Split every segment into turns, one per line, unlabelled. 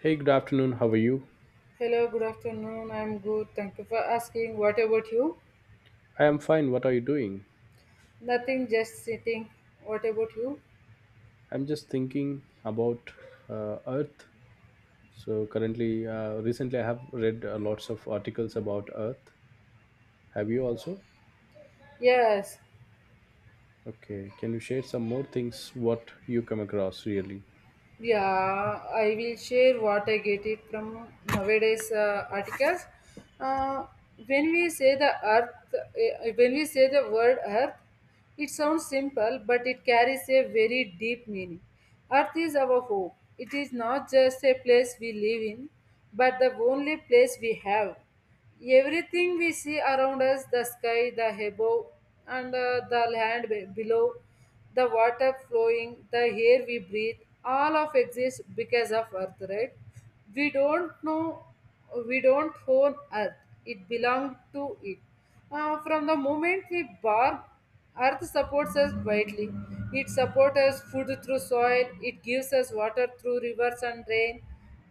Hey, good afternoon. How are you?
Hello, good afternoon. I'm good. Thank you for asking. What about you?
I am fine. What are you doing?
Nothing, just sitting. What about you?
I'm just thinking about Earth. Recently, I have read lots of articles about Earth. Have you also?
Yes,
Okay. Can you share some more things what you come across really?
yeah, I will share what I get it from nowadays articles. Uh, when we say the earth, when we say the word earth, it sounds simple, but it carries a very deep meaning. Earth is our home. It is not just a place we live in, but the only place we have. Everything we see around us the sky, the above, and the land below, the water flowing, the air we breathe all of exists because of Earth, right? We don't know, we don't own Earth, it belongs to it. From the moment we born, Earth supports us quietly. It supports us food through soil. It gives us water through rivers and rain.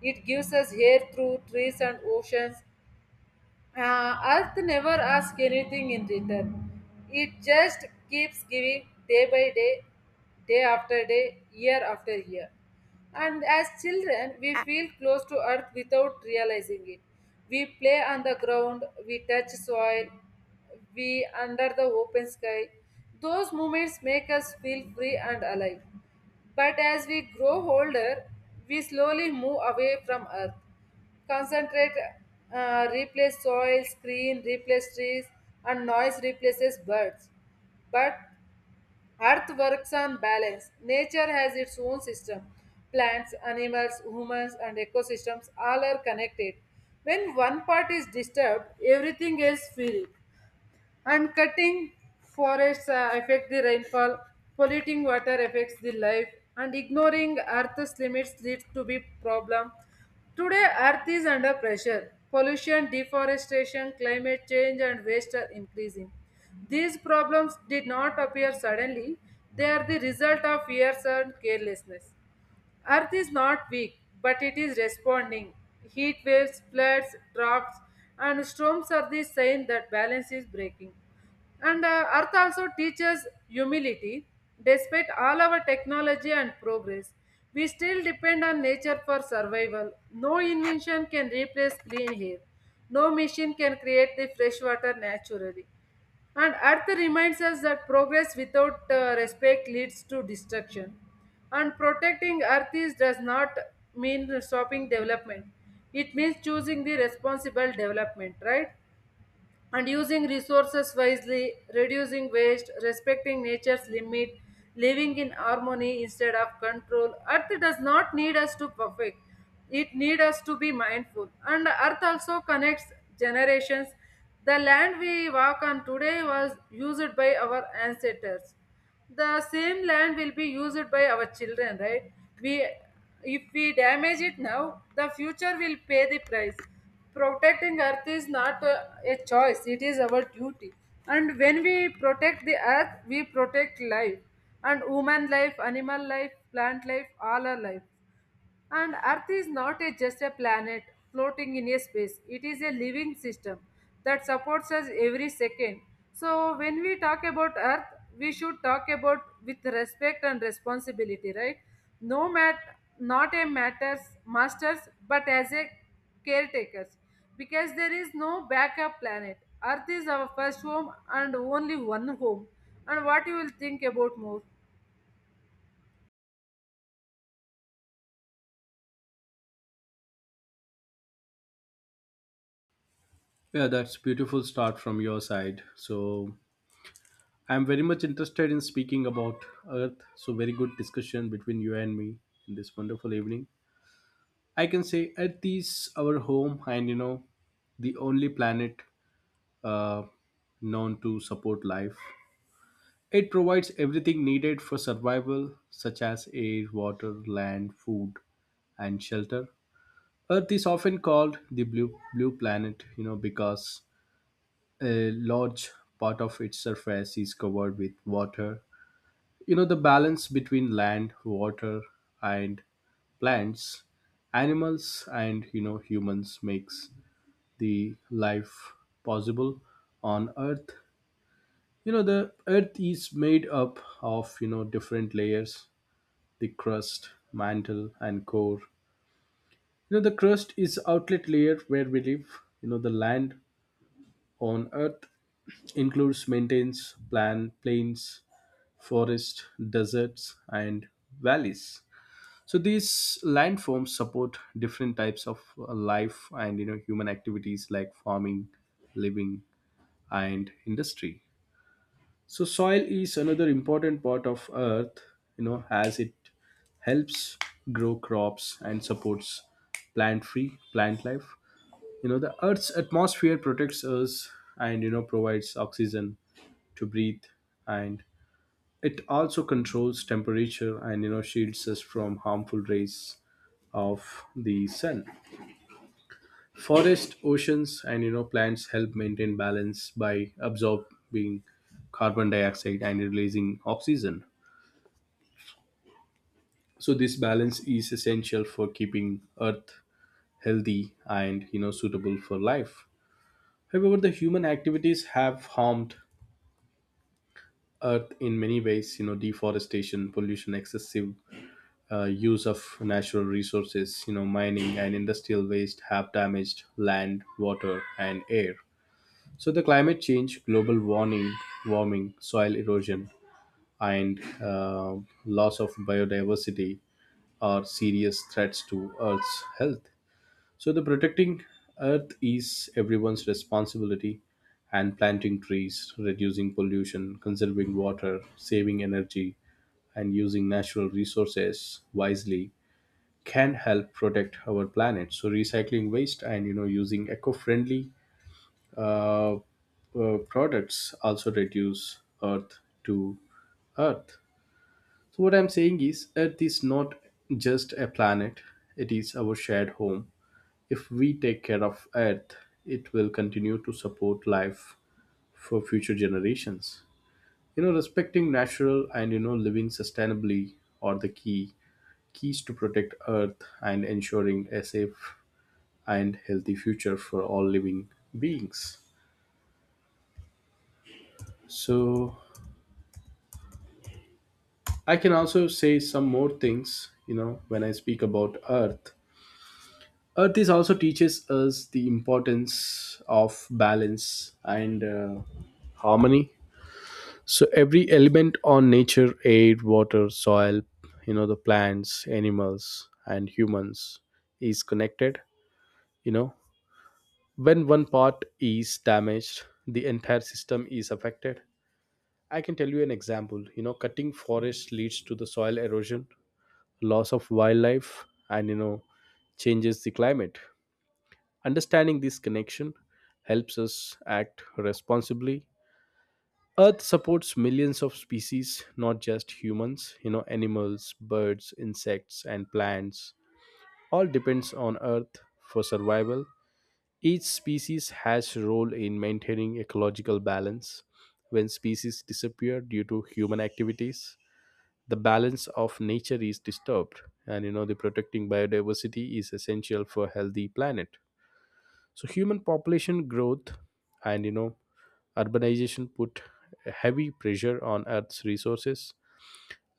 It gives us air through trees and oceans. Earth never asks anything in return. It just keeps giving day by day, day after day, year after year. And as children, we feel close to Earth without realizing it. We play on the ground, we touch soil, we under the open sky. Those moments make us feel free and alive. But as we grow older, we slowly move away from Earth. Concentrate, replace soil, screen, replace trees, and noise replaces birds. But earth works on balance. Nature has its own system. Plants, animals, humans, and ecosystems all are connected. When one part is disturbed, everything else feels. And cutting forests affect the rainfall, polluting water affects the life, and ignoring Earth's limits leads to big problem. Today, Earth is under pressure. Pollution, deforestation, climate change, and waste are increasing. These problems did not appear suddenly. They are the result of years and carelessness. Earth is not weak, but it is responding. Heat waves, floods, droughts, and storms are the sign that balance is breaking. And Earth also teaches humility. Despite all our technology and progress, we still depend on nature for survival. No invention can replace clean air. No machine can create the fresh water naturally. And Earth reminds us that progress without respect leads to destruction. And protecting Earth is, does not mean stopping development. It means choosing the responsible development, right? And using resources wisely, reducing waste, respecting nature's limit, living in harmony instead of control. Earth does not need us to perfect. It needs us to be mindful. And earth also connects generations. The land we walk on today was used by our ancestors, the same land will be used by our children, right? We if we damage it now, the future will pay the price. Protecting earth is not a choice, it is our duty. And when we protect the earth, we protect life, and human life, animal life, plant life, all our life. And Earth is not just a planet floating in a space, it is a living system that supports us every second. So, when we talk about Earth, we should talk about with respect and responsibility, right? No matter, not a matters masters, but as a caretakers, because there is no backup planet. Earth is our first home and only one home. And what you will think about more?
Yeah, that's beautiful start from your side. So, I'm very much interested in speaking about Earth. So, very good discussion between you and me in this wonderful evening. I can say Earth is our home, and the only planet, uh, known to support life. It provides everything needed for survival, such as air, water, land, food, and shelter. Earth is often called the blue planet, because a large part of its surface is covered with water. The balance between land, water, and plants, animals, and humans makes the life possible on Earth. The earth is made up of different layers, the crust, mantle and core. The crust is outlet layer where we live. The land on earth includes mountains, plan plains, forests, deserts and valleys. So these landforms support different types of life and human activities like farming, living and industry. So soil is another important part of earth, as it helps grow crops and supports plant life. The earth's atmosphere protects us and provides oxygen to breathe, and it also controls temperature and shields us from harmful rays of the sun. Forest, oceans and plants help maintain balance by absorbing carbon dioxide and releasing oxygen. So this balance is essential for keeping earth healthy and suitable for life. However, the human activities have harmed earth in many ways. Deforestation, pollution, excessive use of natural resources, mining and industrial waste have damaged land, water and air. So the climate change, global warming, soil erosion, and loss of biodiversity are serious threats to earth's health. So the protecting earth is everyone's responsibility, and planting trees, reducing pollution, conserving water, saving energy and using natural resources wisely can help protect our planet. So recycling waste and using eco-friendly products also reduce earth to earth. So what I'm saying is, earth is not just a planet, it is our shared home. If we take care of Earth, it will continue to support life for future generations. Respecting natural and living sustainably are the keys to protect Earth and ensuring a safe and healthy future for all living beings. So I can also say some more things, when I speak about Earth. Earth is also teaches us the importance of balance and harmony. So every element on nature, air, water, soil, the plants, animals, and humans is connected. You know, when one part is damaged, the entire system is affected. I can tell you an example. Cutting forests leads to the soil erosion, loss of wildlife, and changes the climate. Understanding this connection helps us act responsibly. Earth supports millions of species, not just humans, animals, birds, insects, and plants. All depends on Earth for survival. Each species has a role in maintaining ecological balance. When species disappear due to human activities, the balance of nature is disturbed, and the protecting biodiversity is essential for a healthy planet. So human population growth and urbanization put heavy pressure on earth's resources.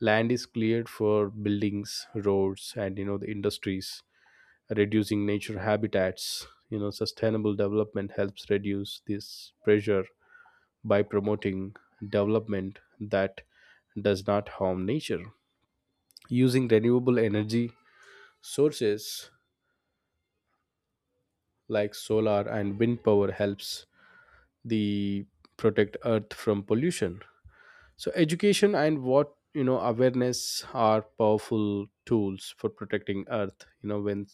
Land is cleared for buildings, roads and the industries, reducing nature habitats. Sustainable development helps reduce this pressure by promoting development that does not harm nature. Using renewable energy sources like solar and wind power helps the protect earth from pollution. So education and what you know awareness are powerful tools for protecting earth. you know when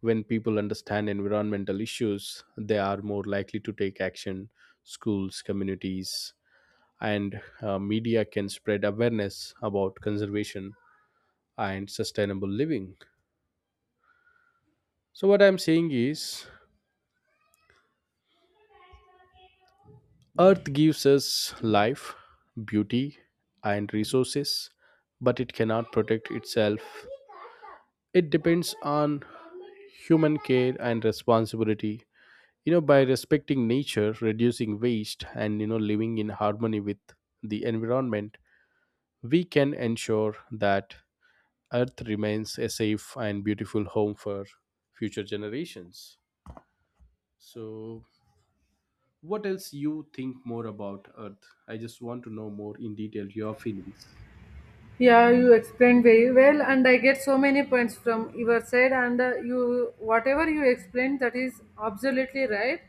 when people understand environmental issues, they are more likely to take action. Schools, communities and media can spread awareness about conservation and sustainable living. So what I'm saying is, Earth gives us life, beauty, and resources, but it cannot protect itself. It depends on human care and responsibility. By respecting nature, reducing waste, and living in harmony with the environment, we can ensure that Earth remains a safe and beautiful home for future generations. So, what else you think more about earth? I just want to know more in detail your feelings.
Yeah, you explained very well, and I get so many points from your side. And you, whatever you explained, that is absolutely right.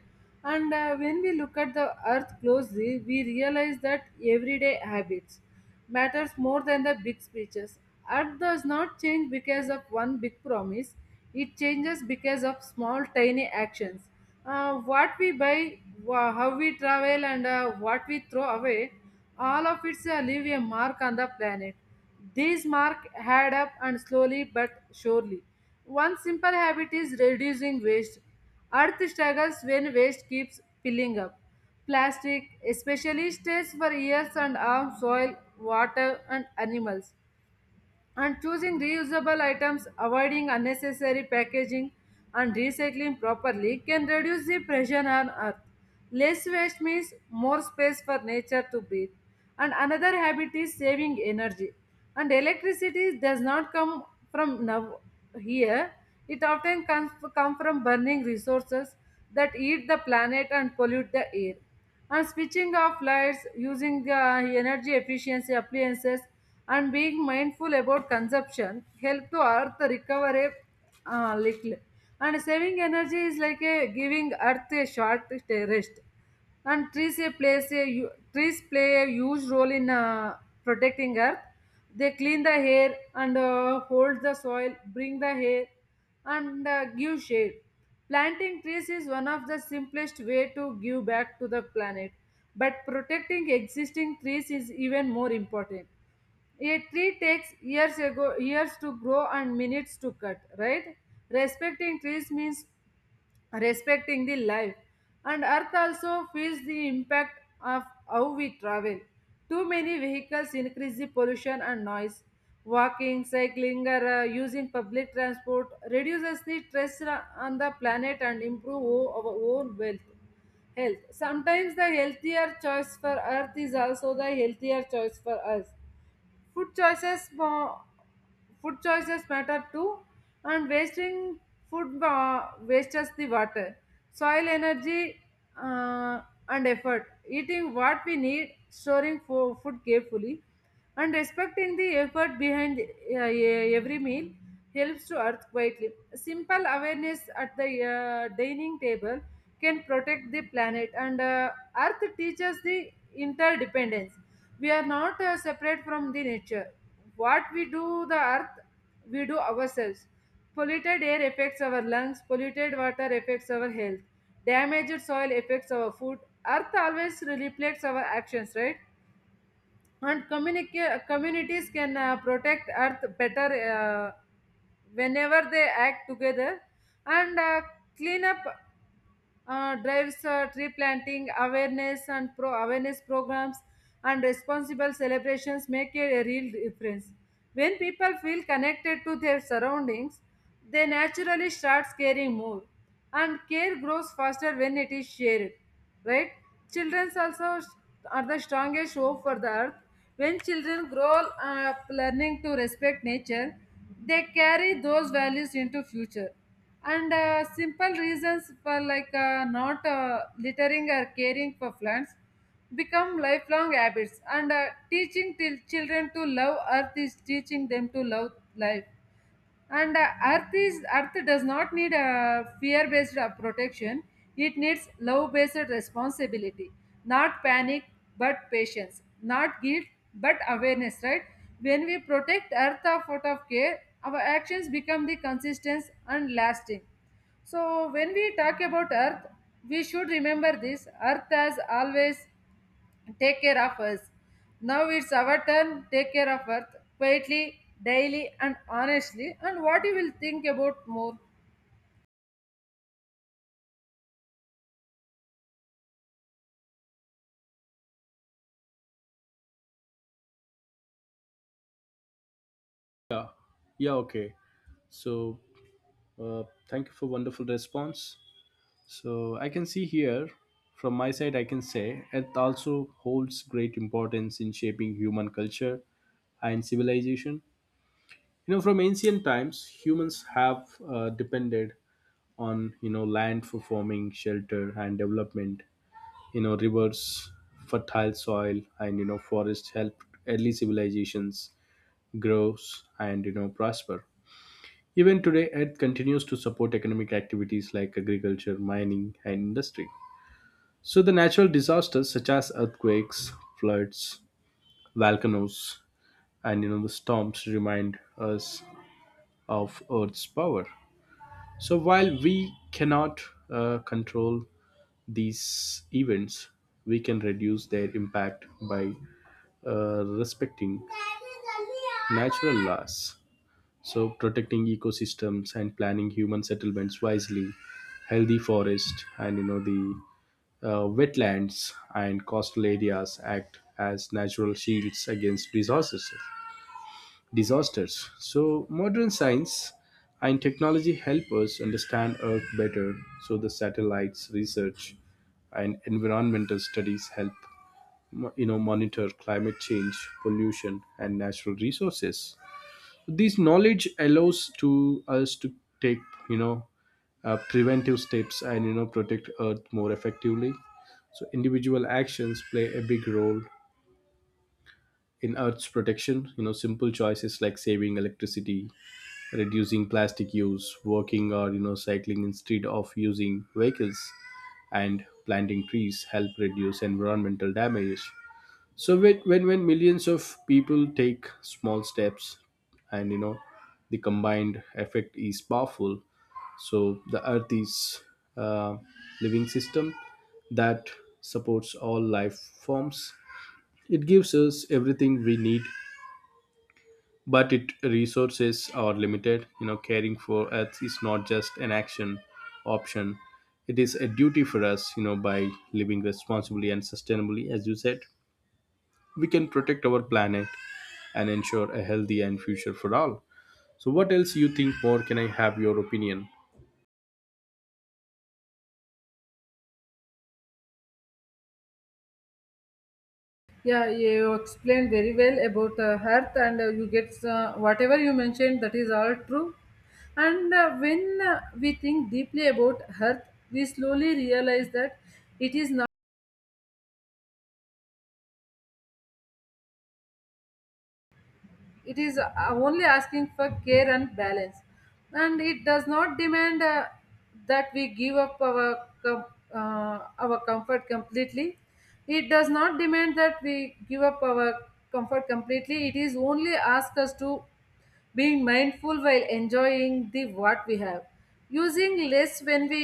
And when we look at the Earth closely, we realize that everyday habits matters more than the big speeches. Earth does not change because of one big promise; it changes because of small, tiny actions. What we buy, how we travel, and what we throw away all of its leave a mark on the planet. These marks add up and slowly but surely. One simple habit is reducing waste. Earth struggles when waste keeps piling up. Plastic especially stays for years and harms soil, water, and animals, and choosing reusable items, avoiding unnecessary packaging, and recycling properly can reduce the pressure on earth. Less waste means more space for nature to breathe. And another habit is saving energy. And electricity does not come from now here. It often comes come from burning resources that eat the planet and pollute the air. And switching off lights, using the energy efficiency appliances, and being mindful about consumption help to earth recover a little. And saving energy is like a giving earth a short rest. And trees a place a u- trees play a huge role in protecting earth. They clean the air and hold the soil, bring the air and give shade. Planting trees is one of the simplest way to give back to the planet, but protecting existing trees is even more important. A tree takes years to grow and minutes to cut, right? Respecting trees means respecting the life. And earth also feels the impact of how we travel. Too many vehicles increase the pollution and noise. Walking, cycling, or using public transport reduces the stress on the planet and improve our own wealth health. Sometimes the healthier choice for earth is also the healthier choice for us. food choices mo- Food choices matter too. And wasting food wastes the water, soil, energy, uh, and effort. Eating what we need, storing food carefully, and respecting the effort behind every meal helps to earth quietly. Simple awareness at the dining table can protect the planet. And earth teaches the interdependence. We are not separate from the nature. What we do the earth, we do ourselves. Polluted air affects our lungs, polluted water affects our health, damaged soil affects our food. Earth always reflects our actions, right? And communities can protect earth better uh, whenever they act together. And clean up drives, tree planting awareness, and pro awareness programs and responsible celebrations make a real difference. When people feel connected to their surroundings, they naturally start caring more, and care grows faster when it is shared, right? Children also are the strongest hope for the earth. When children grow up learning to respect nature, they carry those values into future. And simple reasons for like not littering or caring for plants become lifelong habits. And teaching till children to love earth is teaching them to love life. And earth does not need a fear based protection, it needs love based responsibility. Not panic but patience, not guilt but awareness, right? When we protect earth of out of care, our actions become the consistent and lasting. So when we talk about earth, we should remember this earth has always take care of us. Now it's our turn, take care of Earth quietly, daily, and honestly. And what you will think about more?
Yeah, okay. So uh, thank you for wonderful response. So I can see here from my side, I can say earth also holds great importance in shaping human culture and civilization. From ancient times, humans have depended on land for forming, shelter and development. Rivers, fertile soil and forests helped early civilizations grow and prosper. Even today, earth continues to support economic activities like agriculture, mining and industry. So the natural disasters such as earthquakes, floods, volcanoes and the storms remind us of earth's power. So while we cannot control these events, we can reduce their impact by respecting natural laws. So, protecting ecosystems and planning human settlements wisely, healthy forest, and the wetlands and coastal areas act as natural shields against disasters. So, modern science and technology help us understand Earth better. So, the satellites, research and environmental studies help monitor climate change, pollution and natural resources. This knowledge allows to us to take you know preventive steps and protect earth more effectively. So individual actions play a big role in Earth's protection. Simple choices like saving electricity, reducing plastic use, working or cycling instead of using vehicles, and planting trees help reduce environmental damage. So when millions of people take small steps, and the combined effect is powerful. So the earth is a living system that supports all life forms. It gives us everything we need, but it resources are limited. Caring for earth is not just an action option, it is a duty for us. By living responsibly and sustainably as you said, we can protect our planet and ensure a healthy and future for all. So what else you think more? Can I have your opinion?
Yeah, you explained very well about Earth, and you get whatever you mentioned, that is all true. And when we think deeply about Earth, we slowly realize that it is it is only asking for care and balance, and it does not demand that we give up our com- our comfort completely. It does not demand that we give up our comfort completely. It is only ask us to being mindful while enjoying the what we have, using less.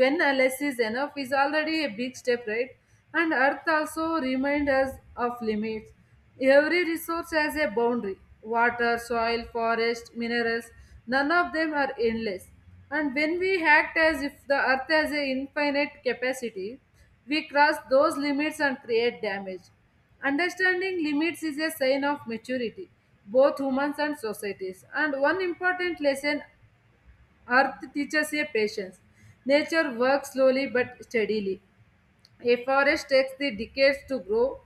When a less is enough is already a big step, right? And earth also reminds us of limits. Every resource has a boundary: water, soil, forest, minerals, none of them are endless. And when we act as if the earth has an infinite capacity, we cross those limits and create damage. Understanding limits is a sign of maturity, both humans and societies. And one important lesson Earth teaches a patience. Nature works slowly but steadily. A forest takes the decades to grow.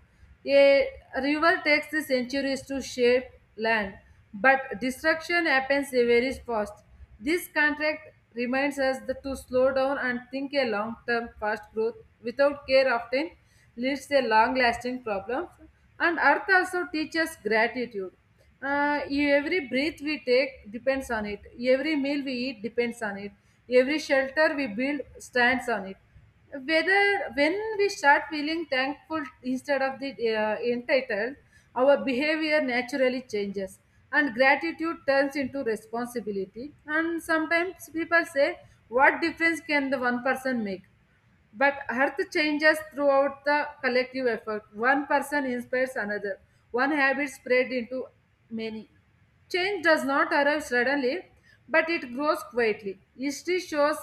A river takes the centuries to shape land. But destruction happens very fast. This contract reminds us that to slow down and think a long term, fast growth without care often leads to long lasting problems. And Earth also teaches gratitude. Every breath we take depends on it, every meal we eat depends on it, every shelter we build stands on it. Whether when we start feeling thankful instead of the entitled, our behavior naturally changes, and gratitude turns into responsibility. And sometimes people say, what difference can the one person make? But Earth changes throughout the collective effort. One person inspires another. One habit spread into many. Change does not arrive suddenly, but it grows quietly. History shows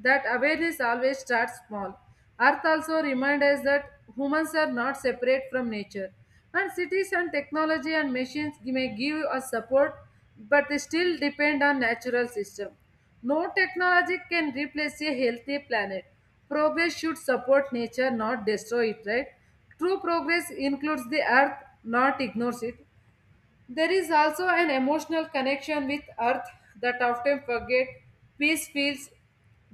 that awareness always starts small. Earth also reminds us that humans are not separate from nature. And cities and technology and machines may give us support, but they still depend on natural system. No technology can replace a healthy planet. Progress should support nature, not destroy it, right? True progress includes the earth, not ignores it. There is also an emotional connection with earth that often forget. Peace feels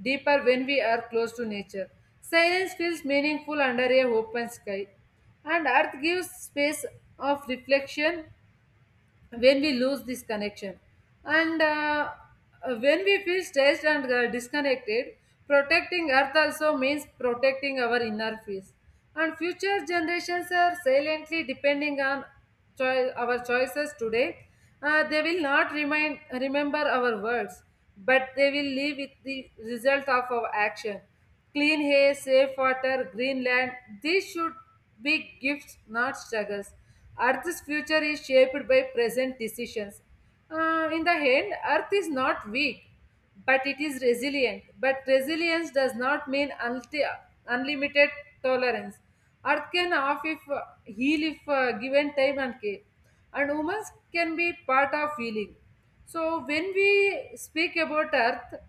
deeper when we are close to nature. Silence feels meaningful under a open sky. And earth gives space of reflection when we lose this connection and when we feel stressed and disconnected. Protecting earth also means protecting our inner peace, and future generations are silently depending on our choices today. They will not remind remember our words, but they will live with the result of our action. Clean air, safe water, green land, these should big gifts, not struggles. Earth's future is shaped by present decisions. In the end, Earth is not weak, but it is resilient. But resilience does not mean unlimited tolerance. Earth can off if heal if given time and care, and humans can be part of healing. So when we speak about Earth,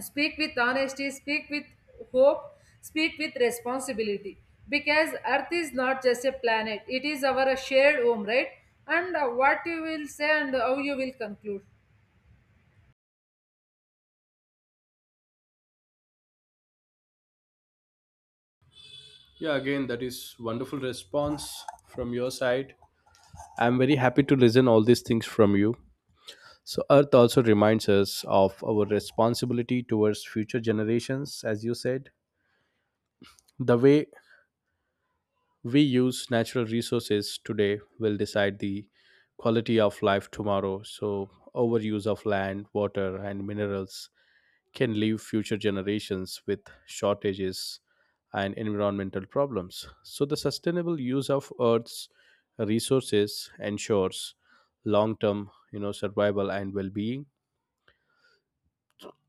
speak with honesty, speak with hope, speak with responsibility. Because Earth is not just a planet, it is our shared home, right? And what you will say and how you will conclude.
Yeah, again that is wonderful response from your side. I'm very happy to listen all these things from you. So earth also reminds us of our responsibility towards future generations, as you said. The way we use natural resources today will decide the quality of life tomorrow. So, overuse of land, water, and minerals can leave future generations with shortages and environmental problems. So, the sustainable use of Earth's resources ensures long term survival and well being.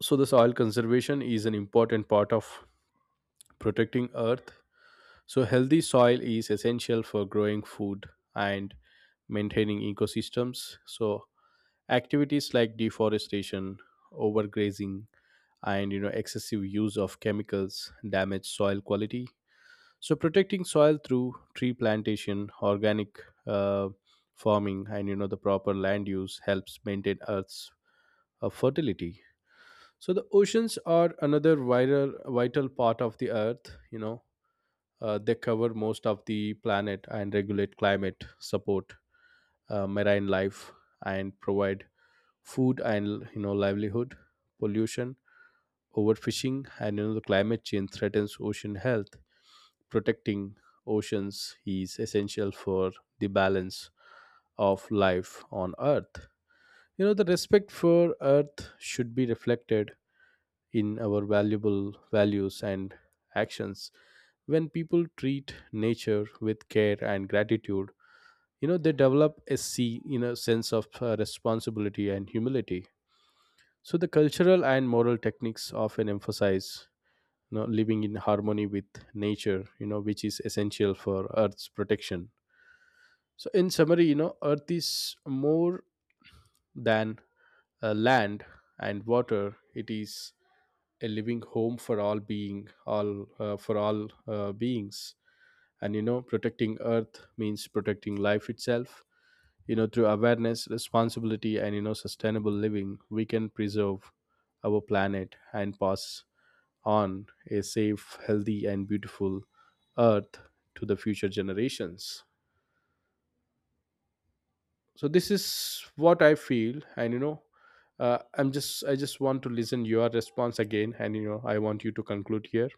So the soil conservation is an important part of protecting earth. So, healthy soil is essential for growing food and maintaining ecosystems. So, activities like deforestation, overgrazing, and excessive use of chemicals damage soil quality. So, protecting soil through tree plantation, organic uh, farming, and the proper land use helps maintain Earth's fertility. So, the oceans are another vital part of the Earth. They cover most of the planet and regulate climate, support marine life, and provide food and livelihood. Pollution, overfishing, and the climate change threatens ocean health. Protecting oceans is essential for the balance of life on Earth. The respect for Earth should be reflected in our valuable values and actions. When people treat nature with care and gratitude, they develop a see you know sense of responsibility and humility. So the cultural and moral techniques often emphasize living in harmony with nature, which is essential for Earth's protection. So in summary, Earth is more than land and water. It is a living home for all being all for all beings, and protecting earth means protecting life itself. Through awareness, responsibility and sustainable living, we can preserve our planet and pass on a safe, healthy and beautiful earth to the future generations. So this is what I feel, and I just want to listen your response again, and I want you to conclude here.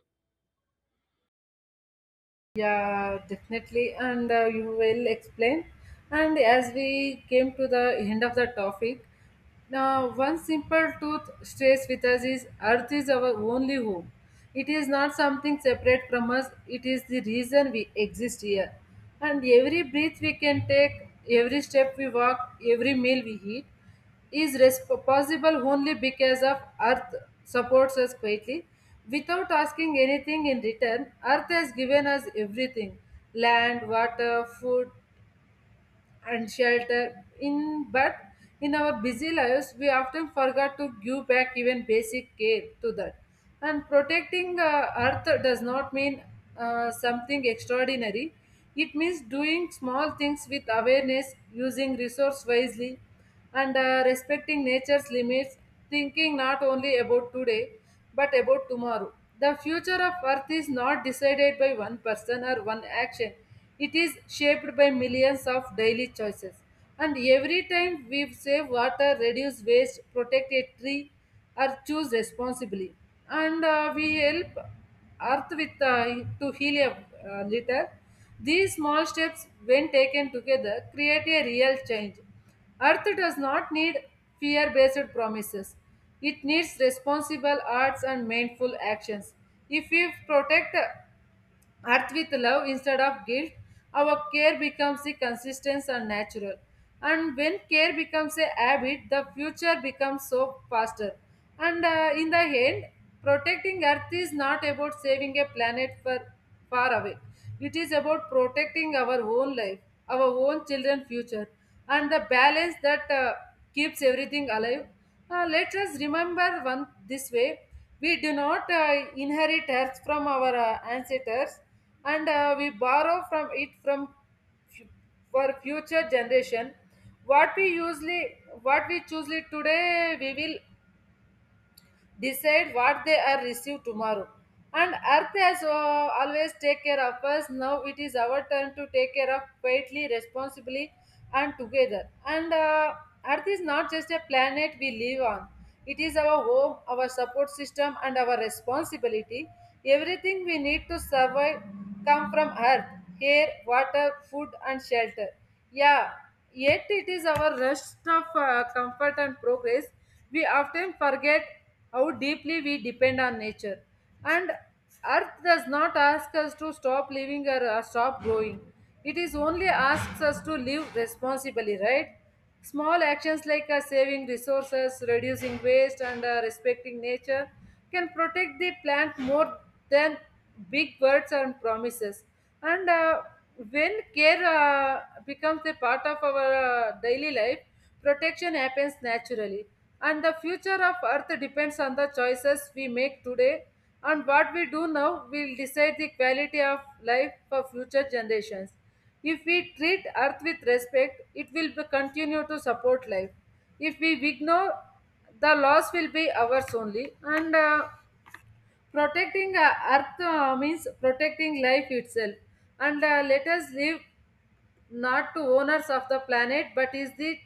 Yeah, definitely. And you will explain. And as we came to the end of the topic, now one simple truth stays with us is Earth is our only home. It is not something separate from us, it is the reason we exist here. And every breath we can take, every step we walk, every meal we eat, is possible only because of earth supports us quietly, without asking anything in return. Earth has given us everything: land, water, food, and shelter in, but in our busy lives we often forget to give back even basic care to that. And protecting earth does not mean something extraordinary. It means doing small things with awareness, using resource wisely, and respecting nature's limits, thinking not only about today, but about tomorrow. The future of Earth is not decided by one person or one action, it is shaped by millions of daily choices. And every time we save water, reduce waste, protect a tree, or choose responsibly, and we help Earth with to heal a little. These small steps, when taken together, create a real change. Earth does not need fear based promises. It needs responsible arts and mindful actions. If we protect Earth with love instead of guilt, our care becomes the consistent and natural. And when care becomes a habit, the future becomes so faster. And in the end, protecting Earth is not about saving a planet for far away. It is about protecting our own life, our own children's future, and the balance that keeps everything alive. Let us remember one this way: we do not inherit earth from our ancestors, and we borrow from it from fu- for future generation. What we usually, what we choose today, we will decide what they are receive tomorrow. And Earth has always take care of us. Now it is our turn to take care of quietly, responsibly, and together. And Earth is not just a planet we live on. It is our home, our support system, and our responsibility. Everything we need to survive come from Earth: air, water, food, and shelter. Yeah, yet it is our rest of comfort and progress, we often forget how deeply we depend on nature. And Earth does not ask us to stop living or stop growing. It is only asks us to live responsibly, right? Small actions like saving resources, reducing waste, and respecting nature can protect the plant more than big words and promises. And when care becomes a part of our daily life, protection happens naturally, and the future of Earth depends on the choices we make today, and what we do now will decide the quality of life for future generations. If we treat Earth with respect, it continue to support life. If we ignore, the loss will be ours only. And protecting Earth means protecting life itself. And let us live not to owners of the planet but is the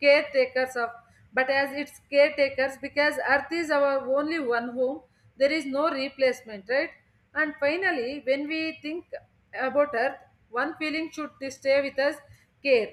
caretakers of, but as its caretakers, because earth is our only one home. There is no replacement, right? And finally, when we think about earth, one feeling should stay with us: care.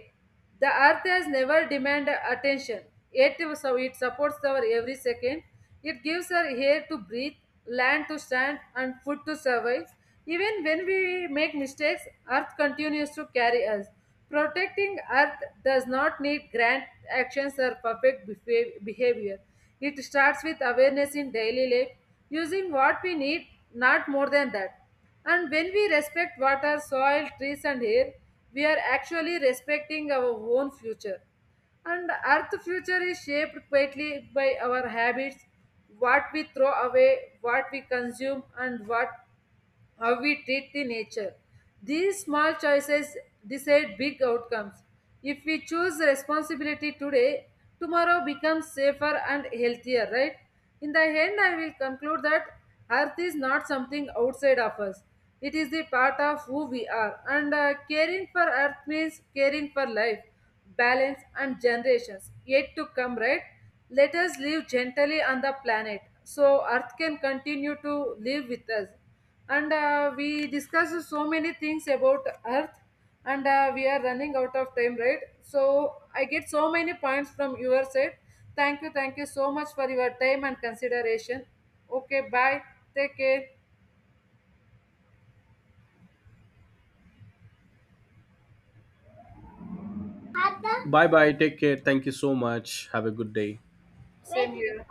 The earth has never demanded attention, yet so it supports our every second. It gives us air to breathe, land to stand, and food to survive. Even when we make mistakes, earth continues to carry us. Protecting earth does not need grand actions or perfect behavior. It starts with awareness in daily life, using what we need, not more than that. And when we respect water, soil, trees, and air, we are actually respecting our own future. And Earth's future is shaped quietly by our habits, what we throw away, what we consume, and what how we treat the nature. These small choices decide big outcomes. If we choose responsibility today, tomorrow becomes safer and healthier, right? In the end, I will conclude that Earth is not something outside of us. It is the part of who we are. And caring for Earth means caring for life, balance, and generations yet to come, right? Let us live gently on the planet so Earth can continue to live with us. And we discussed so many things about earth, and we are running out of time, right? So I get so many points from your side. Thank you, thank you so much for your time and consideration. Okay, bye. Take care.
Bye bye. Take care. Thank you so much. Have a good day.
Same here.